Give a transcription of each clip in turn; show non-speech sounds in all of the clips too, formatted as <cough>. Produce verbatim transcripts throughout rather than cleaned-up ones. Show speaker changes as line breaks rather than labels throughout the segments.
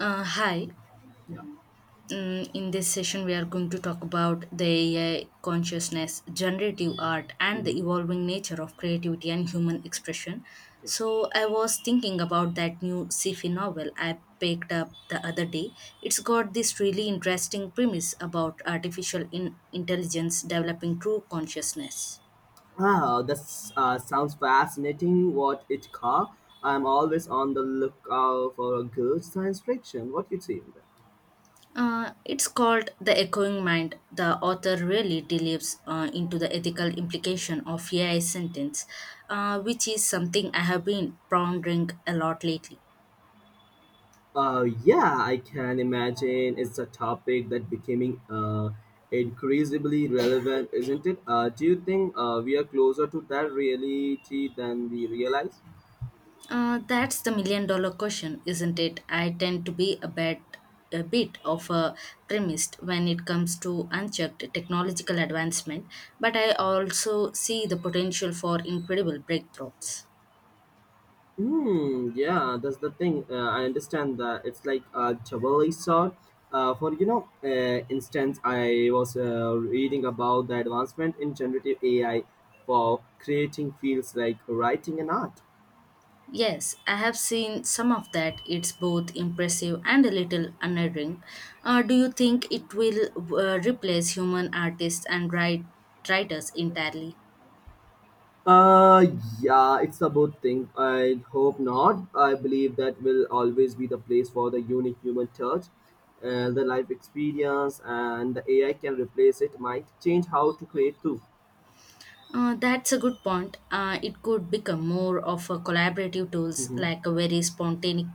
Uh, hi.
Yeah.
Mm, in this session, we are going to talk about the A I consciousness, generative art, and the
Hmm.
evolving nature of creativity and human expression.
Yeah.
So, I was thinking about that new sci-fi novel I picked up the other day. It's got this really interesting premise about artificial in- intelligence developing true consciousness.
Ah, that uh, sounds fascinating. What it car? I'm always on the lookout for a good science fiction. What you think?
Uh, it's called The Echoing Mind. The author really delves uh, into the ethical implication of A I sentence, uh, which is something I have been pondering a lot lately.
Uh, yeah, I can imagine it's a topic that becoming uh, increasingly relevant, isn't it? Uh, do you think uh, we are closer to that reality than we realize?
Uh, that's the million dollar question, isn't it? I tend to be a bit, a bit of a primist when it comes to unchecked technological advancement, but I also see the potential for incredible breakthroughs.
Hmm. Yeah, that's the thing. Uh, I understand that it's like a Chevrolet sort. Uh, for you know, uh, instance, I was uh, reading about the advancement in generative A I for creating fields like writing and art.
Yes, I have seen some of that. It's both impressive and a little unnerving. Uh, do you think it will uh, replace human artists and write, writers entirely?
Uh, yeah, it's a good thing. I hope not. I believe that will always be the place for the unique human touch, uh, the life experience, and the A I can replace it. Might change how to create too.
Uh, that's a good point. Uh, it could become more of a collaborative tools
Mm-hmm.
like a very spontaneous,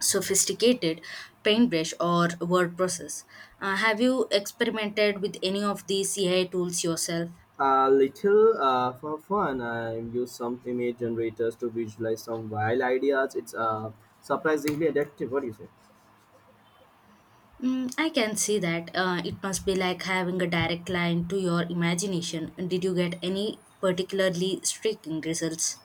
sophisticated paintbrush or word process. Uh, have you experimented with any of these A I tools yourself?
A little uh, for fun, I use some image generators to visualize some wild ideas. It's uh, surprisingly addictive. What do you say?
Mm, I can see that. Uh, it must be like having a direct line to your imagination. Did you get any particularly striking results?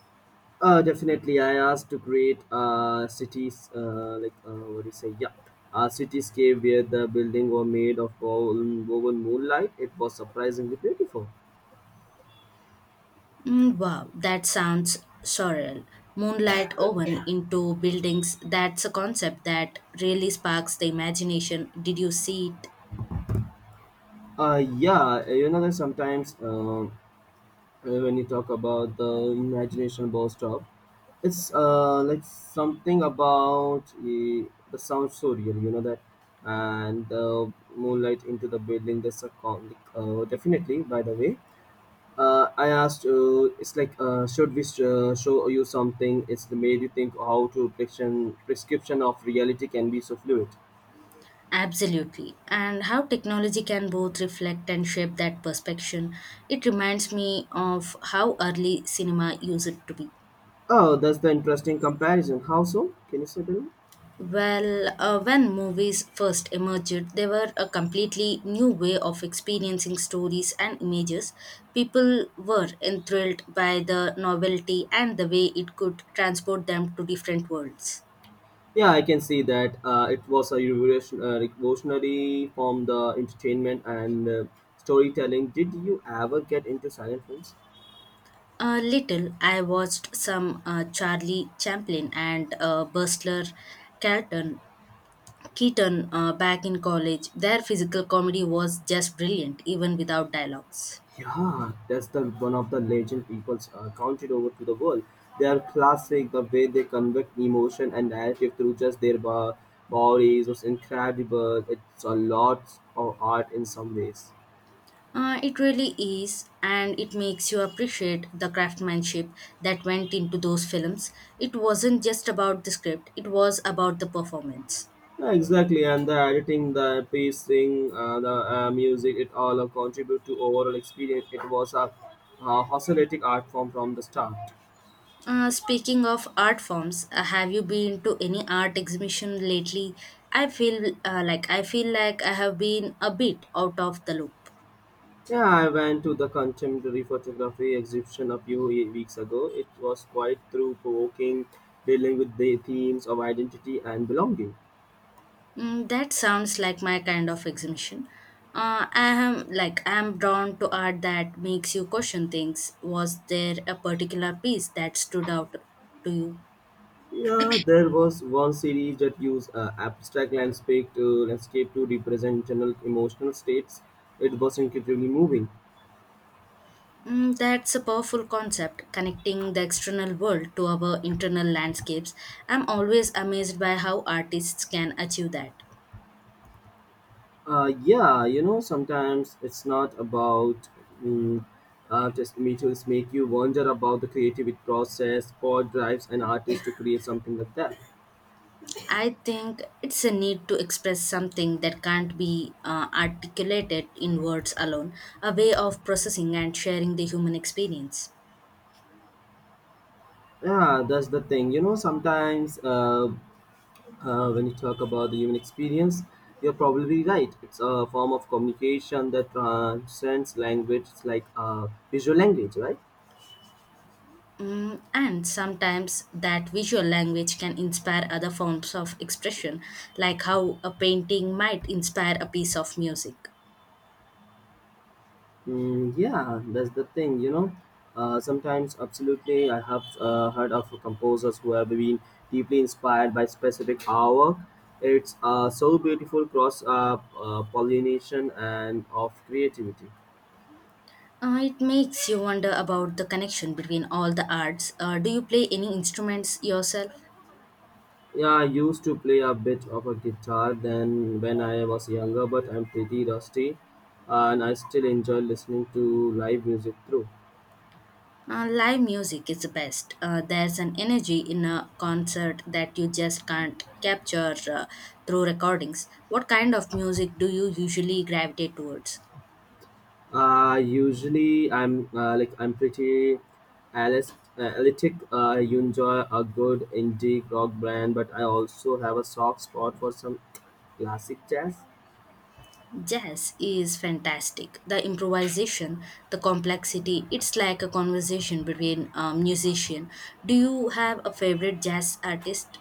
Uh, definitely, I asked to create a cities uh, like uh, what do you say? Yeah, a cityscape where the building were made of woven woven moonlight. It was surprisingly beautiful.
Mm, wow, that sounds surreal. Moonlight woven into buildings, that's a concept that really sparks the imagination. Did you see it?
Uh, yeah, you know that sometimes. Um, Uh, when you talk about the imagination burst up, it's uh, like something about uh, the sound so real, you know that, and the moonlight into the building. That's a con- like, uh, definitely. By the way, uh, I asked. Uh, it's like, uh, should we sh- uh, show you something? It's made you think how to prescription prescription of reality can be so fluid.
Absolutely. And how technology can both reflect and shape that perception. It reminds me of how early cinema used to be.
Oh, that's the interesting comparison. How so? Can you say that?
Well, uh, when movies first emerged, they were a completely new way of experiencing stories and images. People were enthralled by the novelty and the way it could transport them to different worlds.
Yeah, I can see that uh, it was a revolution, uh, revolutionary from the entertainment and uh, storytelling. Did you ever get into silent films?
A little, I watched some uh, Charlie Chaplin and uh, Bustler Carlton Keaton uh, back in college. Their physical comedy was just brilliant, even without dialogues.
Yeah, that's the one of the legend people's uh, counted over to the world. They are classic. The way they convey emotion and narrative through just their bo- bodies was incredible. It's a lot of art in some ways.
Uh, it really is, and it makes you appreciate the craftsmanship that went into those films. It wasn't just about the script, it was about the performance.
Yeah, exactly, and the editing, the pacing, uh, the uh, music, it all uh, contribute to overall experience. It was a uh, oscillating art form from the start.
Uh, speaking of art forms, uh, have you been to any art exhibition lately? I feel uh, like I feel like I have been a bit out of the loop.
Yeah, I went to the contemporary photography exhibition a few ye- weeks ago. It was quite through-provoking, dealing with the themes of identity and belonging.
Mm, that sounds like my kind of exhibition. Uh, I am like I am drawn to art that makes you question things. Was there a particular piece that stood out to you?
Yeah, there was one series that used uh, abstract landscape to landscape to represent general emotional states. It was incredibly moving.
Mm, that's a powerful concept, connecting the external world to our internal landscapes. I'm always amazed by how artists can achieve that.
Uh, yeah, you know, sometimes it's not about mm, uh, test meetings make you wonder about the creative process, what drives an artist to create something like that.
I think it's a need to express something that can't be uh, articulated in words alone, a way of processing and sharing the human experience.
Yeah, that's the thing. You know, sometimes uh, uh, when you talk about the human experience, you're probably right. It's a form of communication that transcends language. It's like uh, visual language, right?
Mm, and sometimes that visual language can inspire other forms of expression, like how a painting might inspire a piece of music.
Mm, yeah, that's the thing, you know. Uh, sometimes, absolutely, I have uh, heard of composers who have been deeply inspired by specific artwork. It's uh, so beautiful cross uh, uh, pollination and of creativity.
Uh, it makes you wonder about the connection between all the arts. Uh, do you play any instruments yourself?
Yeah, I used to play a bit of a guitar then when I was younger, but I'm pretty rusty, and I still enjoy listening to live music through.
Uh, live music is the best. Uh, there's an energy in a concert that you just can't capture uh, through recordings. What kind of music do you usually gravitate towards?
Uh, usually, I'm uh, like I'm pretty analyst, analytic. Uh, you enjoy a good indie rock band, but I also have a soft spot for some classic jazz.
Jazz is fantastic. The improvisation, the complexity, it's like a conversation between a musician. Do you have a favorite jazz artist?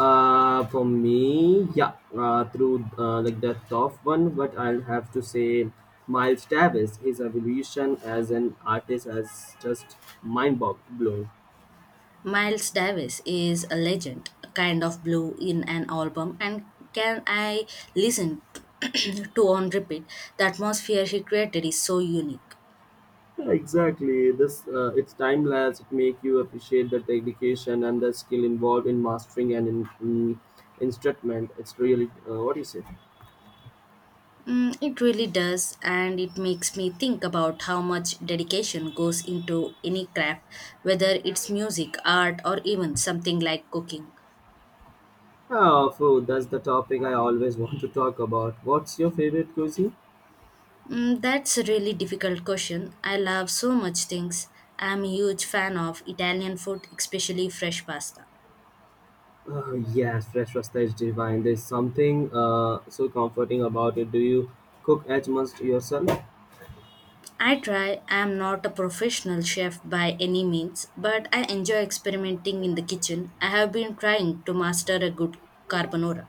Uh, for me, yeah, uh, through uh, like the tough one, but I'll have to say Miles Davis. His evolution as an artist is just mind boggling.
Miles Davis is a legend, a kind of blue in an album, and can I listen <clears throat> to on repeat? The atmosphere he created is so unique.
Yeah, exactly. This uh, it's timeless. It make you appreciate the dedication and the skill involved in mastering an in, in, instrument. It's really uh, what do you say?
Mm, it really does, and it makes me think about how much dedication goes into any craft, whether it's music, art, or even something like cooking.
Oh, food. That's the topic I always <laughs> want to talk about. What's your favorite cuisine?
Mm, that's a really difficult question. I love so much things. I'm a huge fan of Italian food, especially fresh pasta.
Oh, yes, fresh pasta is divine. There's something uh, so comforting about it. Do you cook as much yourself?
I try, I'm not a professional chef by any means, but I enjoy experimenting in the kitchen. I have been trying to master a good carbonara.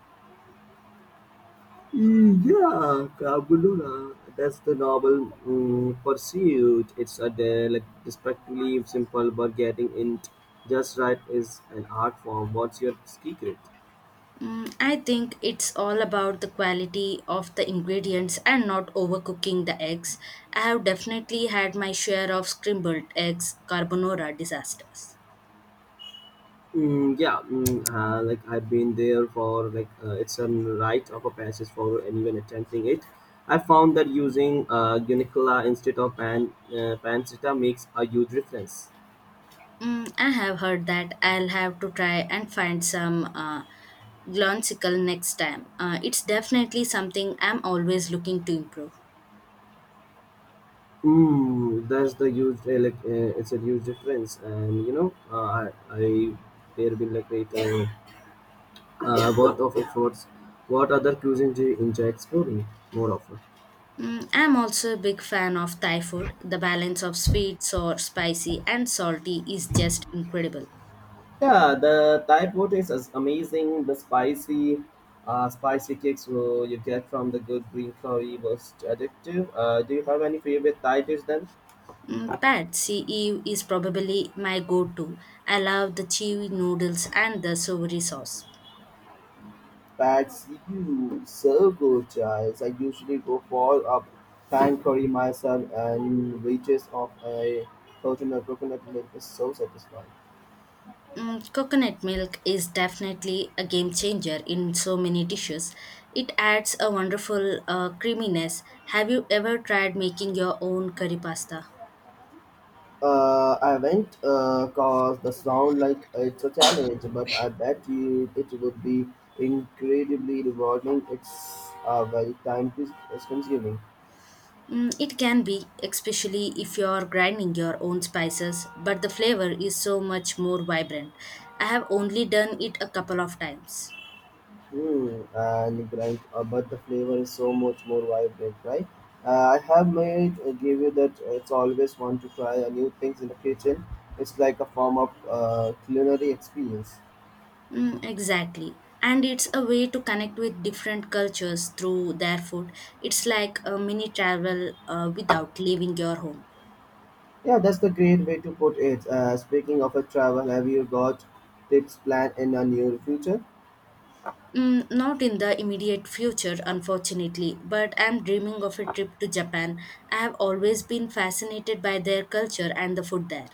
Yeah, Cabulula. That's the novel um, pursuit. It's a de- like destructively simple, but getting it just right is an art form. What's your secret?
Mm, I think it's all about the quality of the ingredients and not overcooking the eggs. I have definitely had my share of scrambled eggs carbonara disasters.
Mm, yeah, mm, uh, like I've been there for like uh, it's a rite of a passage for anyone attempting it. I found that using uh, Unicola instead of pan uh, pancetta makes a huge difference.
Mm, I have heard that I'll have to try and find some uh, gloncicle next time. Uh, it's definitely something I'm always looking to improve.
Mm, that's the huge uh, like uh, it's a huge difference, and you know, uh, I, I there been like it uh, uh, worth of efforts. What other cuisine do you enjoy exploring more often?
Mm, I'm also a big fan of Thai food. The balance of sweet, sour, spicy, and salty is just incredible.
Yeah, the Thai food is as- amazing. The spicy, uh, spicy kicks will you get from the good green curry was addictive. Uh, do you have any favorite Thai dish then?
Mm, Pad See is probably my go-to. I love the chewy noodles and the savory sauce.
But you serve good choice. I usually go for a pan curry myself and reaches of a coconut coconut milk is so satisfying.
Mm, coconut milk is definitely a game changer in so many dishes. It adds a wonderful uh, creaminess. Have you ever tried making your own curry pasta?
Uh, I went uh, cause the sound like it's a challenge, but I bet you it would be incredibly rewarding. It's uh, very time cons- consuming.
Mm, it can be, especially if you're grinding your own spices, but the flavor is so much more vibrant. I have only done it a couple of times.
Mm, and grind, uh, but the flavor is so much more vibrant, right? Uh, I have made uh, give you that uh, it's always fun to try uh, new things in the kitchen. It's like a form of uh, culinary experience.
Mm, exactly. And it's a way to connect with different cultures through their food. It's like a mini travel uh, without leaving your home.
Yeah, that's the great way to put it. Uh, speaking of a travel, have you got trips planned in the near future?
Mm, not in the immediate future, unfortunately, but I'm dreaming of a trip to Japan. I have always been fascinated by their culture and the food there.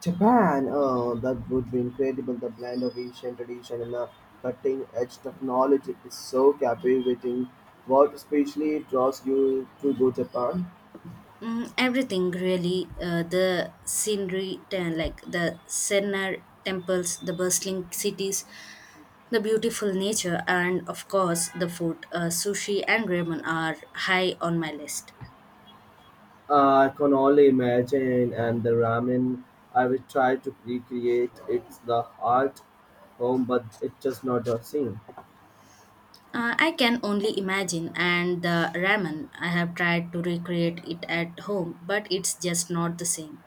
Japan, oh, that would be incredible. The blend of Asian tradition and the cutting edge technology is so captivating. What especially draws you to go Japan?
Mm, everything really uh, the scenery, uh, like the Sennar temples, the bustling cities, the beautiful nature, and of course, the food. Uh, sushi and ramen are high on my list.
Uh, I can only imagine, and the ramen, I will try to recreate it's the art home, but it's just not the same.
Uh, I can only imagine, and the ramen, I have tried to recreate it at home, but it's just not the same.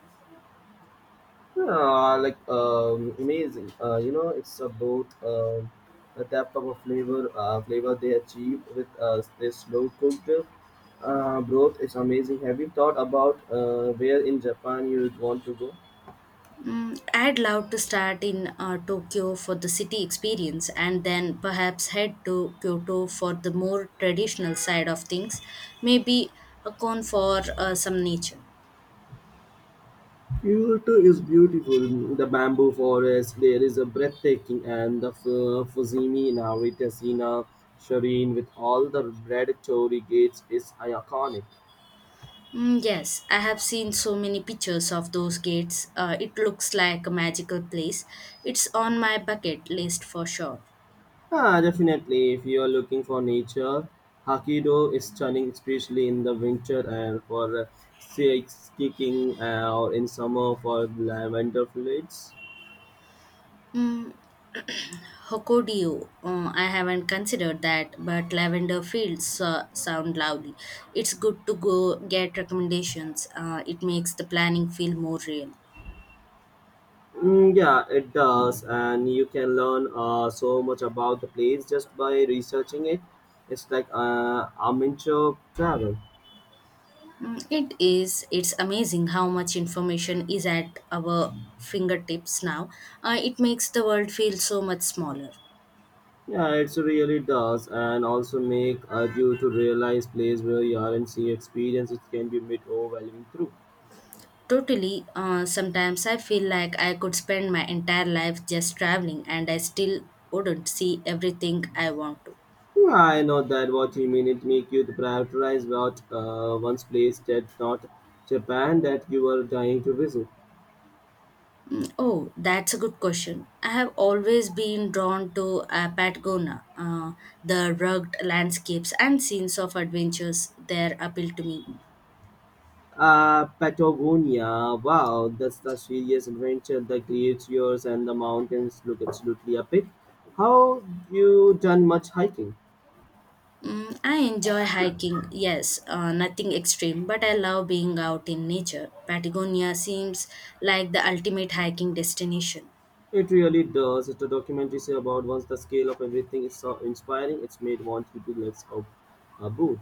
Yeah, like um, amazing. Uh, you know, it's about um, the depth of a flavor, uh, flavor they achieve with uh, this slow cooked uh, broth. It's amazing. Have you thought about uh, where in Japan you would want to go?
Mm, I'd love to start in uh, Tokyo for the city experience and then perhaps head to Kyoto for the more traditional side of things, maybe a con for uh, some nature.
Kyoto is beautiful. The bamboo forest there is a breathtaking, and the F- Fusimi Navitasina Shireen with all the red torii gates is iconic.
Mm, yes, I have seen so many pictures of those gates. Uh, it looks like a magical place. It's on my bucket list for sure.
Ah, definitely. If you are looking for nature, Hokkaido is stunning, especially in the winter and for uh, ski- skiing, uh, or in summer for lavender fields.
Mm, Hokodeo, uh, I haven't considered that, but lavender fields uh, sound lovely. It's good to go get recommendations. Uh, it makes the planning feel more real.
Mm, yeah, it does, and you can learn uh, so much about the place just by researching it. It's like uh, amateur travel.
Mm, It is. It's amazing how much information is at our fingertips now. Uh, it makes the world feel so much smaller.
Yeah, it really does, and also make uh, you to realize place where you are and see experience. It can be a bit overwhelming through.
Totally. Uh, sometimes I feel like I could spend my entire life just traveling and I still wouldn't see everything I want to.
Yeah, I know that what you mean. It make you to prioritize what uh, once place that not Japan that you are dying to visit.
Mm, Oh, that's a good question. I have always been drawn to uh, Patagonia. Uh, the rugged landscapes and scenes of adventures there appeal to me.
Uh, Patagonia. Wow, that's the serious adventure. The glaciers and the mountains look absolutely epic. How you done much hiking?
Mm, I enjoy hiking, yes, uh, nothing extreme, but I love being out in nature. Patagonia seems like the ultimate hiking destination.
It really does. It's a documentary say about once the scale of everything is so inspiring. It's made want you to let's go. Uh, boo.